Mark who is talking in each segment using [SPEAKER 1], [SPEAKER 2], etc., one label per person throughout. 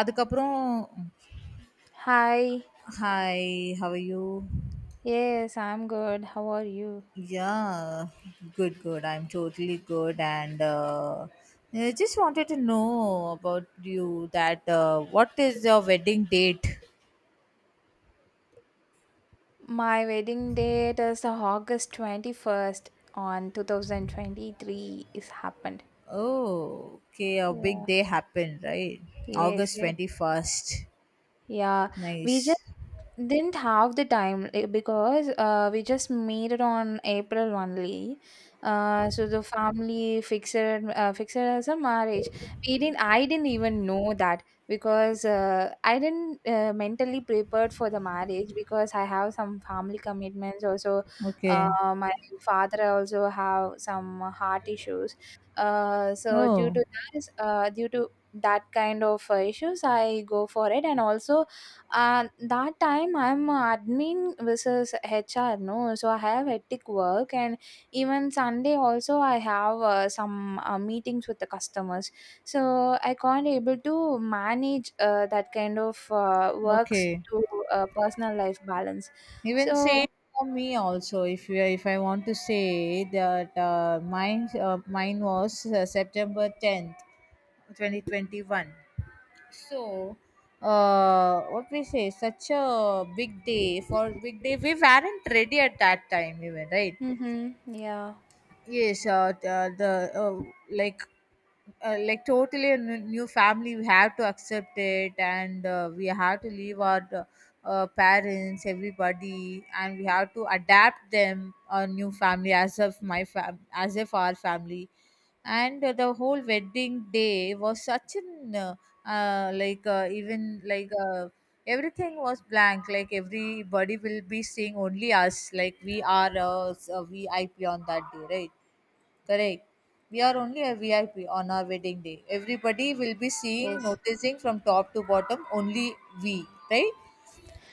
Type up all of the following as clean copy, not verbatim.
[SPEAKER 1] அதுக்கப்புறம்,
[SPEAKER 2] Hi.
[SPEAKER 1] "Hi, how are you?"
[SPEAKER 2] Yes, I'm good. How are you?
[SPEAKER 1] "Yeah, good, good. I'm totally good. And I just wanted to know about you that what is your wedding date?"
[SPEAKER 2] My wedding date is August 21st on 2023 is happened.
[SPEAKER 1] "Oh, okay. A big
[SPEAKER 2] Yeah.
[SPEAKER 1] day happened, right?
[SPEAKER 2] Yes,
[SPEAKER 1] August
[SPEAKER 2] yes.
[SPEAKER 1] 21st.
[SPEAKER 2] Yeah. We just
[SPEAKER 1] Nice.
[SPEAKER 2] didn't have the time because we just made it on April only. So the family fixed it as a marriage. We didn't. I didn't even know that because I didn't mentally prepared for the marriage because I have some family commitments. Also,
[SPEAKER 1] Okay.
[SPEAKER 2] uh, my father also have some heart issues. So due
[SPEAKER 1] Oh,
[SPEAKER 2] to this, due to that kind of issues, I go for it, and also that time I'm admin versus HR, no? So I have hectic work, and even Sunday also I have some meetings with the customers. So I can't able to manage that kind of works
[SPEAKER 1] okay.
[SPEAKER 2] to personal life balance.
[SPEAKER 1] Even
[SPEAKER 2] So
[SPEAKER 1] say for me also if I want to say that mine was September 10th. 2021, so what we say, such a big day. For big day, we weren't ready at that time even, right?
[SPEAKER 2] mm-hmm. Yeah.
[SPEAKER 1] Yes, the like like totally a new family we have to accept it, and we have to leave our parents, everybody, and we have to adapt them our new family as of my fam as if our family. And the whole wedding day was such an like even like everything was blank. Like everybody will be seeing only us, like we are VIP on that day, right? Correct. We are only a VIP on our wedding day. Everybody will be seeing,
[SPEAKER 2] Yes,
[SPEAKER 1] noticing from top to bottom, only we, right?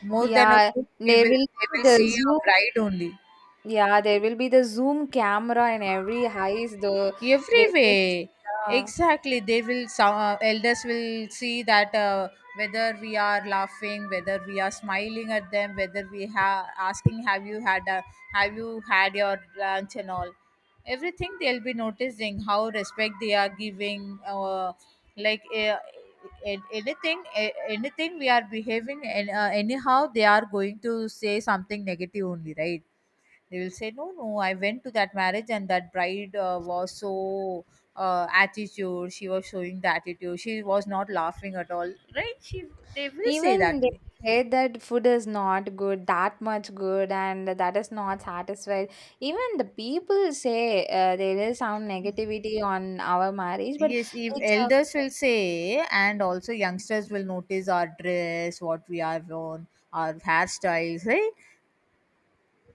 [SPEAKER 1] More than a
[SPEAKER 2] yeah,
[SPEAKER 1] group, we
[SPEAKER 2] there
[SPEAKER 1] will
[SPEAKER 2] will
[SPEAKER 1] they
[SPEAKER 2] be
[SPEAKER 1] will
[SPEAKER 2] the
[SPEAKER 1] see
[SPEAKER 2] Zoom.
[SPEAKER 1] a bride only.
[SPEAKER 2] Yeah, there will be the Zoom camera in every house. Though
[SPEAKER 1] Every
[SPEAKER 2] they will,
[SPEAKER 1] way,
[SPEAKER 2] yeah.
[SPEAKER 1] exactly they will elders will see that whether we are laughing, whether we are smiling at them, whether we have asking have you had your lunch and all, everything they'll be noticing, how respect they are giving, like uh, anything, anything we are behaving. And anyhow they are going to say something negative only, right? They will say, "No, no, I went to that marriage and that bride was so attitude. She was showing the attitude. She was not laughing at all, right?" She, they will say
[SPEAKER 2] Even
[SPEAKER 1] that
[SPEAKER 2] they
[SPEAKER 1] way.
[SPEAKER 2] say that food is not good, that much good, and that is not satisfied. Even the people say there is some negativity on our marriage, but
[SPEAKER 1] Yes, if
[SPEAKER 2] it's a
[SPEAKER 1] elders will say, and also youngsters will notice our dress, what we are on, our hairstyles, right?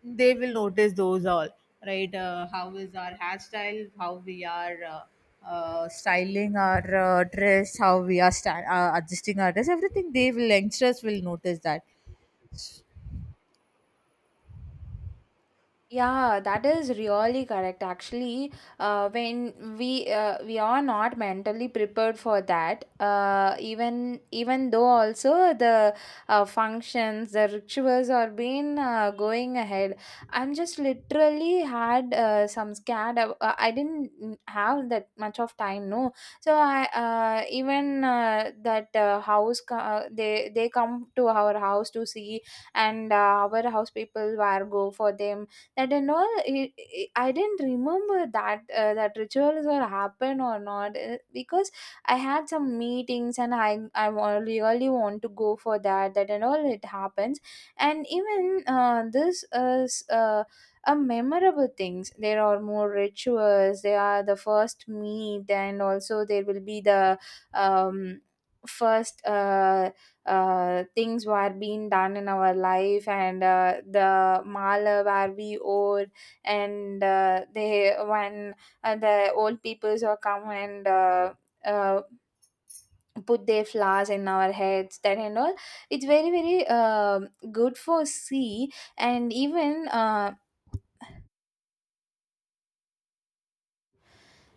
[SPEAKER 1] They will notice those all, right? How is our hairstyle, how we are styling our dress, how we are adjusting our dress, everything they will youngsters will notice that.
[SPEAKER 2] yeah, that is really correct. Actually, when we are not mentally prepared for that, even though also the functions, the rituals are being going ahead, I'm just literally had some scared. I didn't have that much of time, no. So I even that house they come to our house to see, and our house people were go for them that and all I didn't remember that that rituals or happen or not because I had some meetings and really want to go for that that and all it happens. And even this is a memorable things. There are more rituals. They are the first meet, and also there will be the um first things were being done in our life, and the mala where we owed. And they when the old peoples are come and uh, put their flowers in our heads that and all. It's very very good for see. And even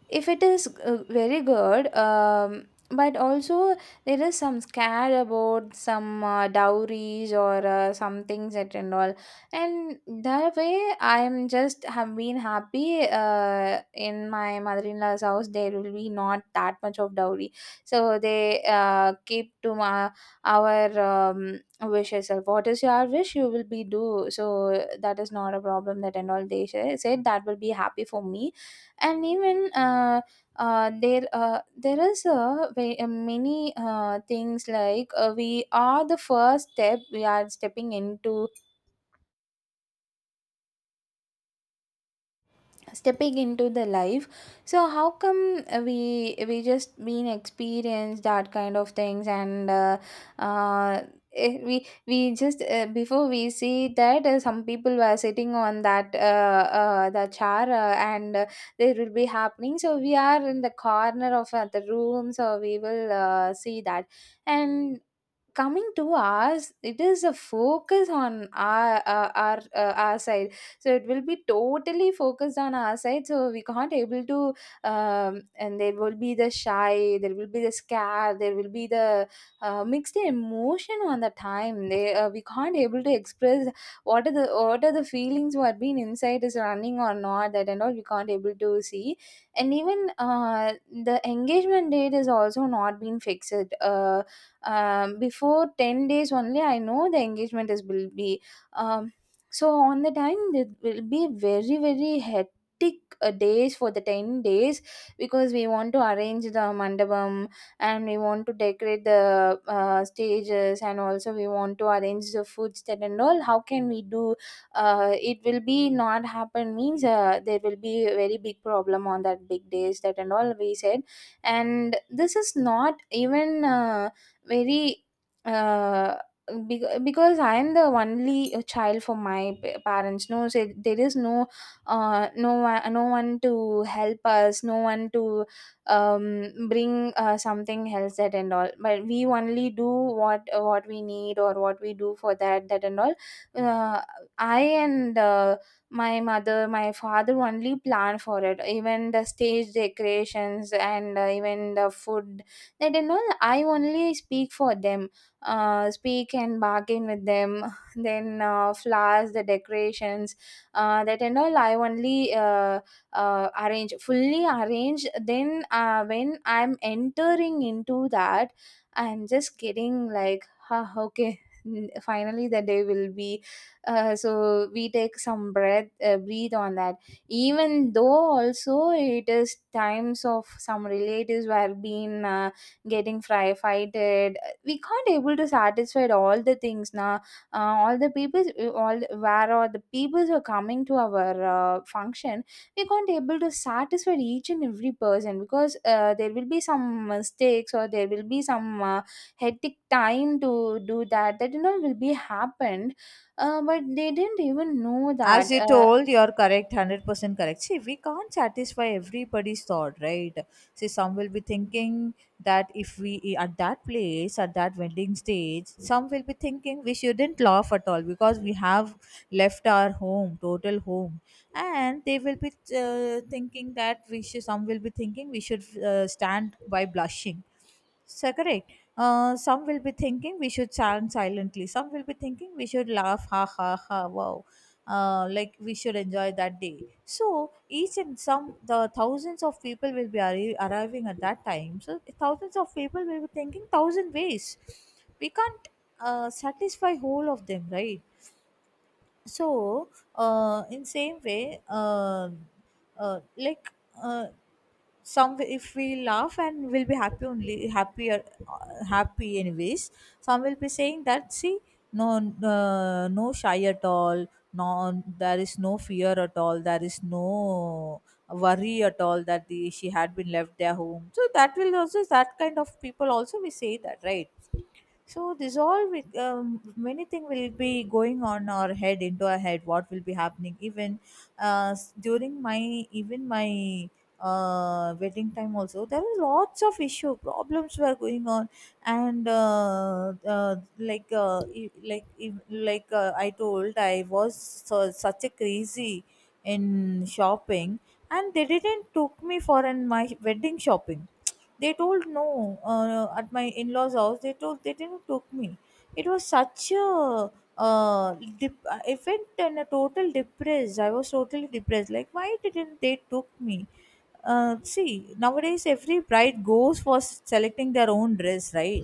[SPEAKER 2] if it is very good, but also there is some scare about some dowries or some things that and all. And that way I'm just have been happy in my mother-in-law's house there will be not that much of dowry. So they keep to my our wishes of what is your wish you will be do. So that is not a problem that and all. They said that will be happy for me. And even there is a way, many things like we are the first step we are stepping into the life. So how come we just been experienced that kind of things. And uh, we just before we see that some people were sitting on that the chair and there will be happening. So we are in the corner of the room, so we will see that. And coming to ours, it is a focus on our our side. So it will be totally focused on our side so we can't able to and there will be the shy, there will be the scared, there will be the mixed emotion on the time. They we can't able to express what are the feelings what being inside is running or not that and all. We can't able to see. And even the engagement date is also not been fixed. uh, before 10 days only I know the engagement is will be. Um, so on the time it will be very very hectic days for the 10 days, because we want to arrange the mandabam, and we want to decorate the stages, and also we want to arrange the food set and all. How can we do? It will be not happen means there will be a very big problem on that big days that and all we said. And this is not even very uh, because I am the only child for my parents, no. So there is no no one, no one to help us, no one to bring something else that and all. But we only do what we need or what we do for that that and all. Uh, I and my mother my father only plan for it, even the stage decorations and even the food that and all. I only speak for them, speak and bargain with them. Then flowers, the decorations, that and all I only arrange, fully arrange. Then when I'm entering into that, I'm just getting like ha okay. Finally the day will be. So we take some breath, breathe on that. Even though also it is times of some relatives were being getting fry fighted, we can't able to satisfy all the things now. All the people, where all the people who are coming to our function, we can't able to satisfy each and every person because there will be some mistakes or there will be some hectic time to do that that you know will be happened. But they didn't even know
[SPEAKER 1] As
[SPEAKER 2] that
[SPEAKER 1] you told, you're correct, 100% correct. See, we can't satisfy everybody's thought, right? See, some will be thinking that if we at that place, at that wedding stage, some will be thinking we shouldn't laugh at all because we have left our home, total home. And they will be thinking that we should, some will be thinking we should stand by blushing, so correct. Some will be thinking we should chant silently. Some will be thinking we should laugh, ha ha ha, wow. Like we should enjoy that day. So each and some, the thousands of people will be arriving at that time. So thousands of people will be thinking thousand ways. We can't Satisfy whole of them, right? So in same way, uh, like. Uh, some if we laugh, and we'll be happy only, happier, happy anyways. Some will be saying that, see, no, no shy at all, no, there is no fear at all, there is no worry at all, that she had been left their home, so that will also, that kind of people also we say that, right? So this all with many thing will be going on our head, into our head, what will be happening. Even during my wedding time also there were lots of issue, problems were going on. And like e- like e- like I told, I was so, such a crazy in shopping, and they didn't took me for an my wedding shopping. They told no, at my in-laws' house. They told they didn't took me. It was such a I went in a total depressed. I was totally depressed. Like, why didn't they took me? See, nowadays every bride goes for selecting their own dress, right?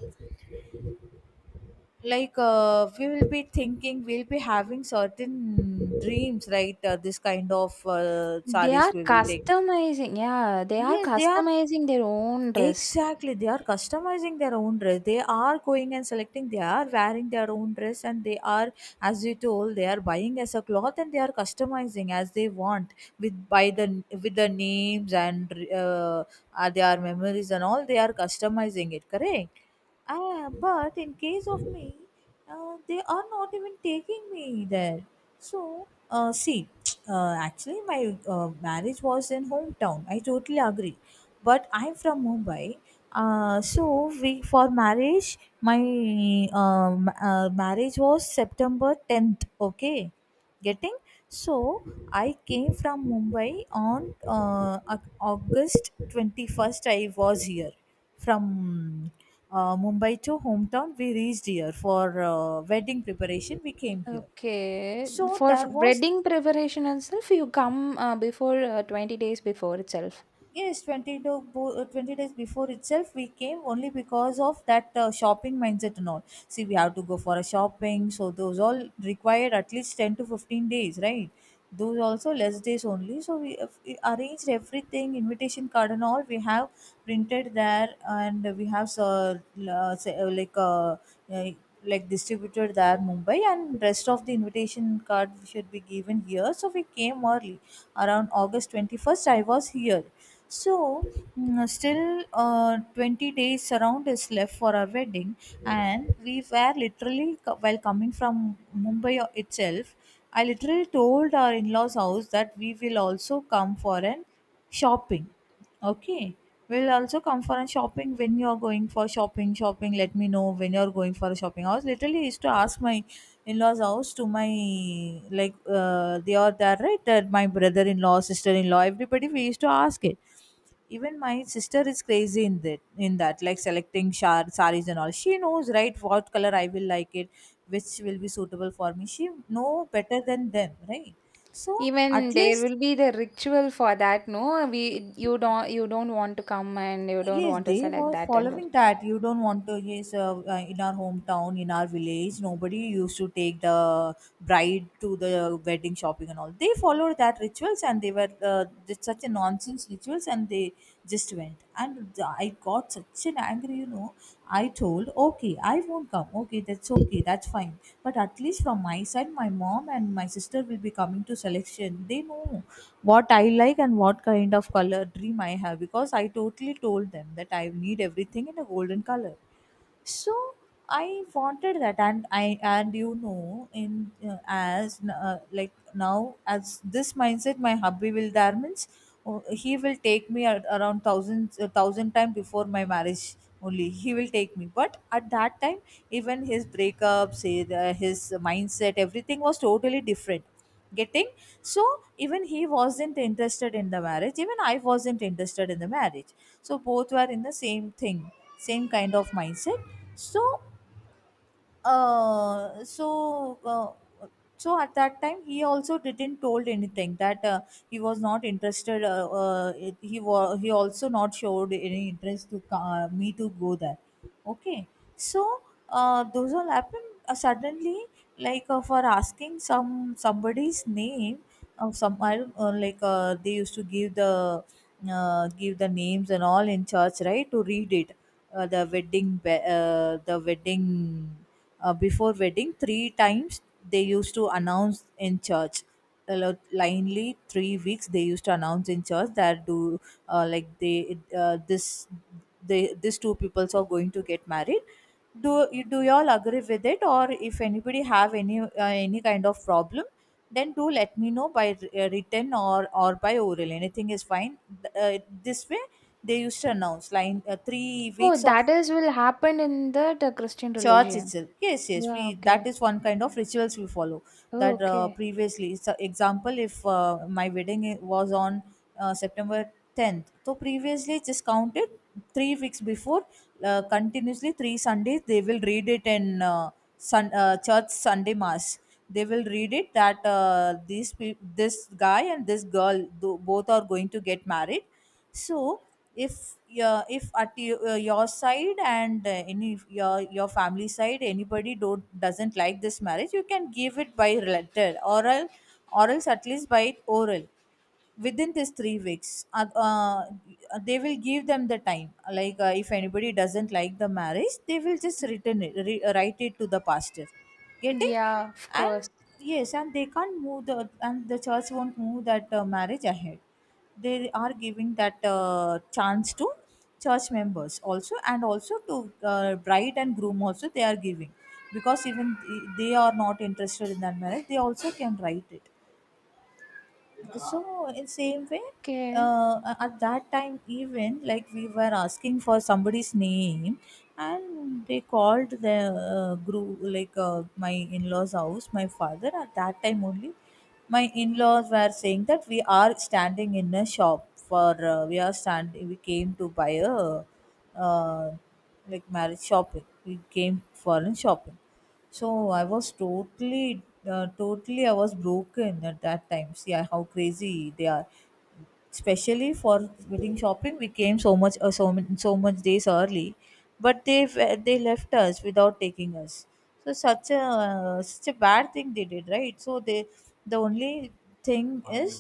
[SPEAKER 1] Like we will be thinking, we'll be having certain dreams, right? This kind of
[SPEAKER 2] they are
[SPEAKER 1] sarees we will take.
[SPEAKER 2] customizing. Yeah, they are
[SPEAKER 1] Yes, they are.
[SPEAKER 2] customizing their own dress.
[SPEAKER 1] Exactly, they are customizing their own dress. They are going and selecting. They are wearing their own dress, and they are, as you told, they are buying as a cloth, and they are customizing as they want, with by the with the names and uh, their memories and all. They are customizing it, correct? Ah, but in case of me, they are not even taking me there. So see, actually, my marriage was in hometown. I totally agree, but I'm from Mumbai. So we for marriage, my marriage was September 10th. Okay, getting, so I came from Mumbai on August 21st. I was here from Mumbai to hometown. We reached here for wedding preparation. We came here.
[SPEAKER 2] Okay.
[SPEAKER 1] So
[SPEAKER 2] For
[SPEAKER 1] there was,
[SPEAKER 2] breading preparation itself, you come before 20 days before itself.
[SPEAKER 1] yes, 20, 20 days before itself, we came only because of that shopping mindset and all. See, we have to go for a shopping, so those all required at least 10 to 15 days, right? Those also less days only. So we arranged everything, invitation card and all. We have printed there, and we have l- say, uh, like distributed there Mumbai, and rest of the invitation card should be given here. So we came early around August 21st. I was here so, mm, still 20 days around is left for our wedding, and we were literally, while coming from Mumbai itself, I literally told our in laws' house that we will also come for an shopping. Okay. We'll also come for a shopping when you're going for shopping. Shopping, let me know when you're going for a shopping. I was literally used to ask my in law's house to my, like, they are there, right? That my brother in law, sister in law, everybody, we used to ask it. Even my sister is crazy in that, like selecting shar saris and all. She knows, right, what color I will like it, which will be suitable for me. She know better than them, right? So at
[SPEAKER 2] Even there
[SPEAKER 1] least,
[SPEAKER 2] will be the ritual for that, no? We you don't want to come and you don't
[SPEAKER 1] yes,
[SPEAKER 2] want to
[SPEAKER 1] they
[SPEAKER 2] select
[SPEAKER 1] were
[SPEAKER 2] that and all.
[SPEAKER 1] following that. You don't want to, yes, in our hometown, in our village, nobody used to take the bride to the wedding shopping and all. They followed that rituals, and they were did such a nonsense rituals, and they just went. And I got such an angry, you know. I told, okay, I won't come. Okay, that's fine. But at least from my side, my mom and my sister will be coming to selection. They know what I like and what kind of color dream I have, because I totally told them that I need everything in a golden color. So I wanted that, and I, and you know, in as like now as this mindset, my hubby will there means he will take me at around thousand thousand time before my marriage, only he will take me. But at that time, even his breakups, his mindset, everything was totally different, getting, so even he wasn't interested in the marriage, even I wasn't interested in the marriage. So both were in the same thing, same kind of mindset. So uh so uh, so at that time he also didn't told anything that he was not interested, he also not showed any interest to me to go there. Okay. So those all happened suddenly, like for asking some somebody's name. Oh, some I don't, they used to give the names and all in church, right? To read it, the wedding, before wedding three times they used to announce in church. Linely 3 weeks they used to announce in church that, do like they this, they these two peoples are going to get married. Do y'all agree with it? Or if anybody have any kind of problem, then do let me know by, written, or by oral, anything is fine. This way they used to announce, like, three
[SPEAKER 2] Oh,
[SPEAKER 1] weeks
[SPEAKER 2] that
[SPEAKER 1] of
[SPEAKER 2] is will happen in the Christian
[SPEAKER 1] church
[SPEAKER 2] religion.
[SPEAKER 1] itself. Yes, yes, we
[SPEAKER 2] Yeah,
[SPEAKER 1] that
[SPEAKER 2] okay.
[SPEAKER 1] is one kind of rituals we follow,
[SPEAKER 2] Oh,
[SPEAKER 1] that,
[SPEAKER 2] okay.
[SPEAKER 1] previously. So example, if my wedding was on, September 10th. So previously just counted 3 weeks before, continuously three sundays they will read it in, church sunday mass. They will read it that, this guy and this girl, both are going to get married. So if, at your side and, any your family side, anybody don't doesn't like this marriage, you can give it by letter, oral, or else at least by oral, within this 3 weeks, they will give them the time. Like, if anybody doesn't like the marriage, they will just return it, write it to the pastor, getting.
[SPEAKER 2] Yeah, of course.
[SPEAKER 1] And yes, and they can't move the, and the church won't move that, marriage ahead. They are giving that, chance to church members also, and also to, bride and groom also, they are giving, because even they are not interested in that marriage, they also can write it. So in same way,
[SPEAKER 2] Okay.
[SPEAKER 1] at that time, even like we were asking for somebody's name and they called the, group, like, my in-laws house, my father, at that time only my in-laws were saying that we are standing in a shop for, we are standing, we came to buy a, uh, like marriage shopping, we came for a shopping. So I was totally, I was broken at that time. See how crazy they are. Especially for wedding shopping, we came so much, so much days early, but they left us without taking us. So such a bad thing they did, right? So the only thing is,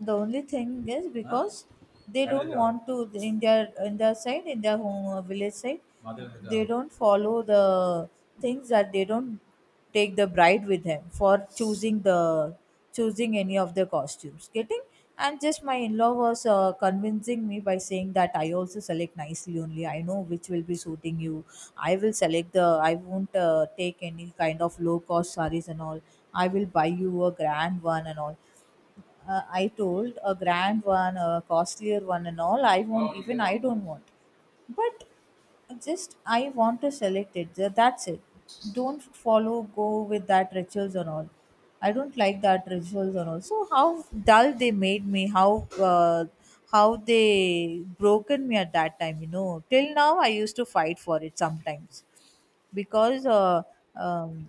[SPEAKER 1] huh? Because they don't want to, in their, side, in their home, village side. They don't follow the things that they don't take the bride with him for choosing any of the costumes, getting. And just my in-law was, convincing me by saying that I also select nicely, only I know which will be suiting you, I will select the, I won't, take any kind of low cost sarees and all, I will buy you a grand one and all. I told a grand one, a costlier one, and all. I won't, even I don't want. But just I want to select it. That's it. Don't follow, go with that rituals and all. I don't like that rituals and all. So how dull they made me, how they broken me at that time. You know, till now I used to fight for it sometimes, because, um,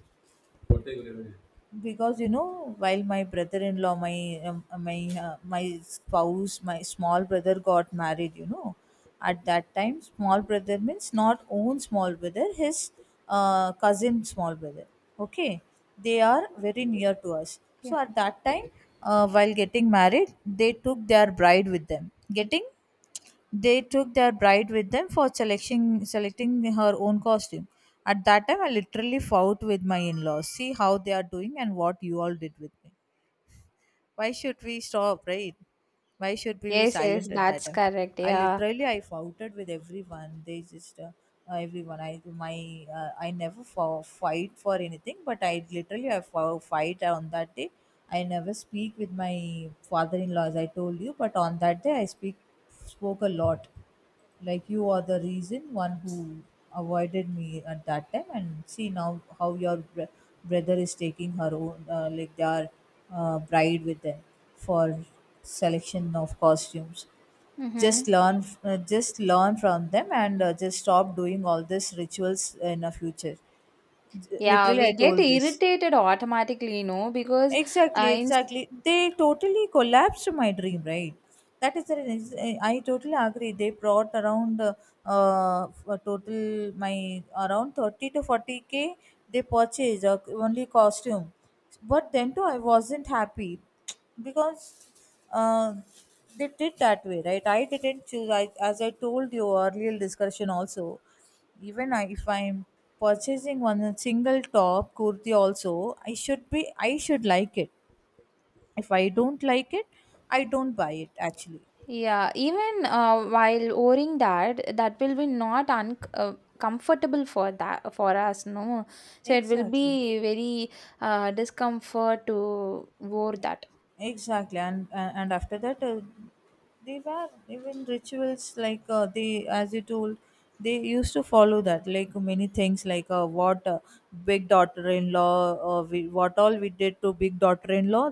[SPEAKER 1] because, you know, while my brother-in-law my my my spouse my small brother got married, at that time. Small brother means not own small brother, his, cousin small brother. Okay, they are very near to us,
[SPEAKER 2] Yeah.
[SPEAKER 1] so at that time, while getting married, they took their bride with them, getting. They took their bride with them for selecting her own costume. At that time, I literally fought with my in-laws. See how they are doing and what you all did with me. Why should we stop, right? Why should we be
[SPEAKER 2] Yes, yes,
[SPEAKER 1] silent at that
[SPEAKER 2] that's
[SPEAKER 1] time?
[SPEAKER 2] correct.
[SPEAKER 1] I
[SPEAKER 2] Yeah.
[SPEAKER 1] literally, I foughted with everyone. They just, everyone, I never fight for anything, but I literally, I fo- fight on that day. I never speak with my father-in-law, as I told you, but on that day I speak spoke a lot, like you are the reason one who avoided me at that time. And see now how your brother is taking her own, like their, bride with them for selection of costumes.
[SPEAKER 2] Mm-hmm.
[SPEAKER 1] Just learn, just learn from them, and, just stop doing all these rituals in the future.
[SPEAKER 2] Yeah,
[SPEAKER 1] Literally, I
[SPEAKER 2] we get
[SPEAKER 1] told this.
[SPEAKER 2] irritated automatically, you know, because
[SPEAKER 1] Exactly,
[SPEAKER 2] in
[SPEAKER 1] exactly. They totally collapsed my dream, right? That is the reason. Eh, I totally agree. They brought around, a total, my around 30 to 40 k. They purchased, only costume, but then too I wasn't happy, because, uh, they did that way, right? I didn't choose. I, as I told you, earlier discussion also, even I, if I'm purchasing one single top kurti also, I should like it. If I don't like it, I don't buy it actually.
[SPEAKER 2] yeah, even while wearing that, that will be not un comfortable for that for us, no. So it will
[SPEAKER 1] Exactly,
[SPEAKER 2] be very discomfort to wear that.
[SPEAKER 1] exactly, and after that, they were even rituals like, they, as you told, they used to follow that, like many things, like, what, big daughter-in-law, we, what all we did to big daughter-in-law,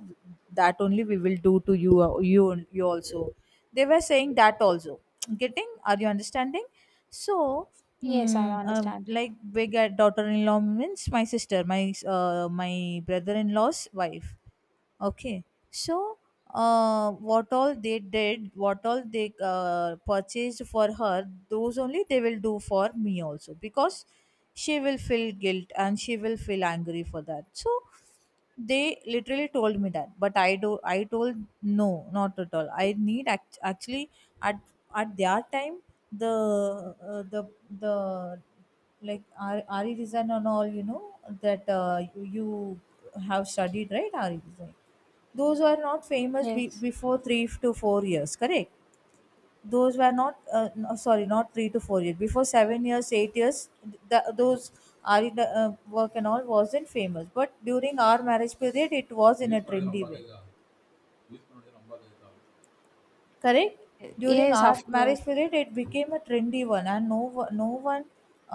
[SPEAKER 1] that only we will do to you, you also, they were saying that also, getting, are you understanding? So,
[SPEAKER 2] Yes, I
[SPEAKER 1] hmm.
[SPEAKER 2] understand.
[SPEAKER 1] Like big, daughter-in-law means my sister, my, my brother-in-law's wife. Okay, so, what all they did, what all they, purchased for her, those only they will do for me also, because she will feel guilt and she will feel angry for that. So they literally told me that, but I told, no, not at all, I need, actually. At their time, the, uh, the the, like, ari design and all, you know, that, you have studied, right? Ari design, those are not famous
[SPEAKER 2] Yes,
[SPEAKER 1] before 3 to 4 years, correct? Those were not, no, sorry, not 3 to 4 years, before 7 years, 8 years. Those ari, work and all wasn't famous, but during our marriage period it was in a trendy way, correct? During
[SPEAKER 2] yes,
[SPEAKER 1] our
[SPEAKER 2] of
[SPEAKER 1] marriage
[SPEAKER 2] course.
[SPEAKER 1] period it became a trendy one and no one,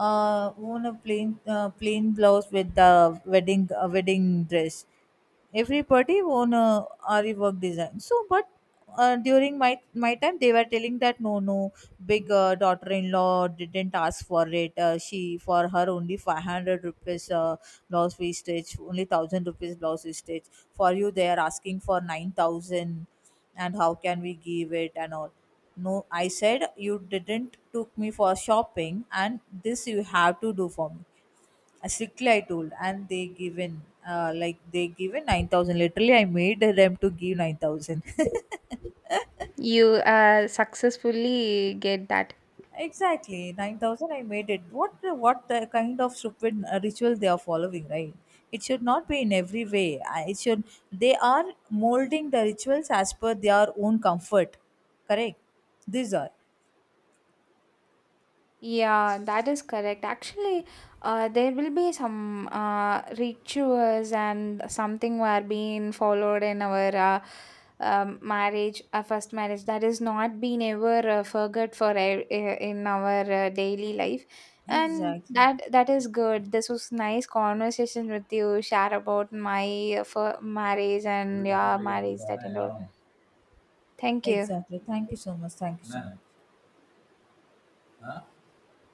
[SPEAKER 1] wore a plain blouse with the wedding dress. Every party wore a ari work design. So but, during my time, they were telling that, no, no, big, daughter-in-law didn't ask for it, she, for her only 500 rupees, blouse we stitch, only 1000 rupees blouse we stitch, for you they are asking for 9000, and how can we give it and all. No, I said, you didn't took me for shopping and this you have to do for me. Strictly I told, and they given, like they given 9000, literally I made them to give 9000.
[SPEAKER 2] You successfully get that.
[SPEAKER 1] Exactly, 9,000 I made it. What the kind of stupid, ritual they are following, right? It should not be in every way. I- It should They are molding the rituals as per their own comfort. Correct? These are.
[SPEAKER 2] Yeah, that is correct. Actually, there will be some rituals and something were being followed in our marriage, first marriage. That is not been ever forgot for in our daily life, and
[SPEAKER 1] Exactly.
[SPEAKER 2] that that is good. This was nice conversation with you. Share about my for marriage and your marriage that and all. Thank you.
[SPEAKER 1] Exactly. Thank you so much. Thank you so much.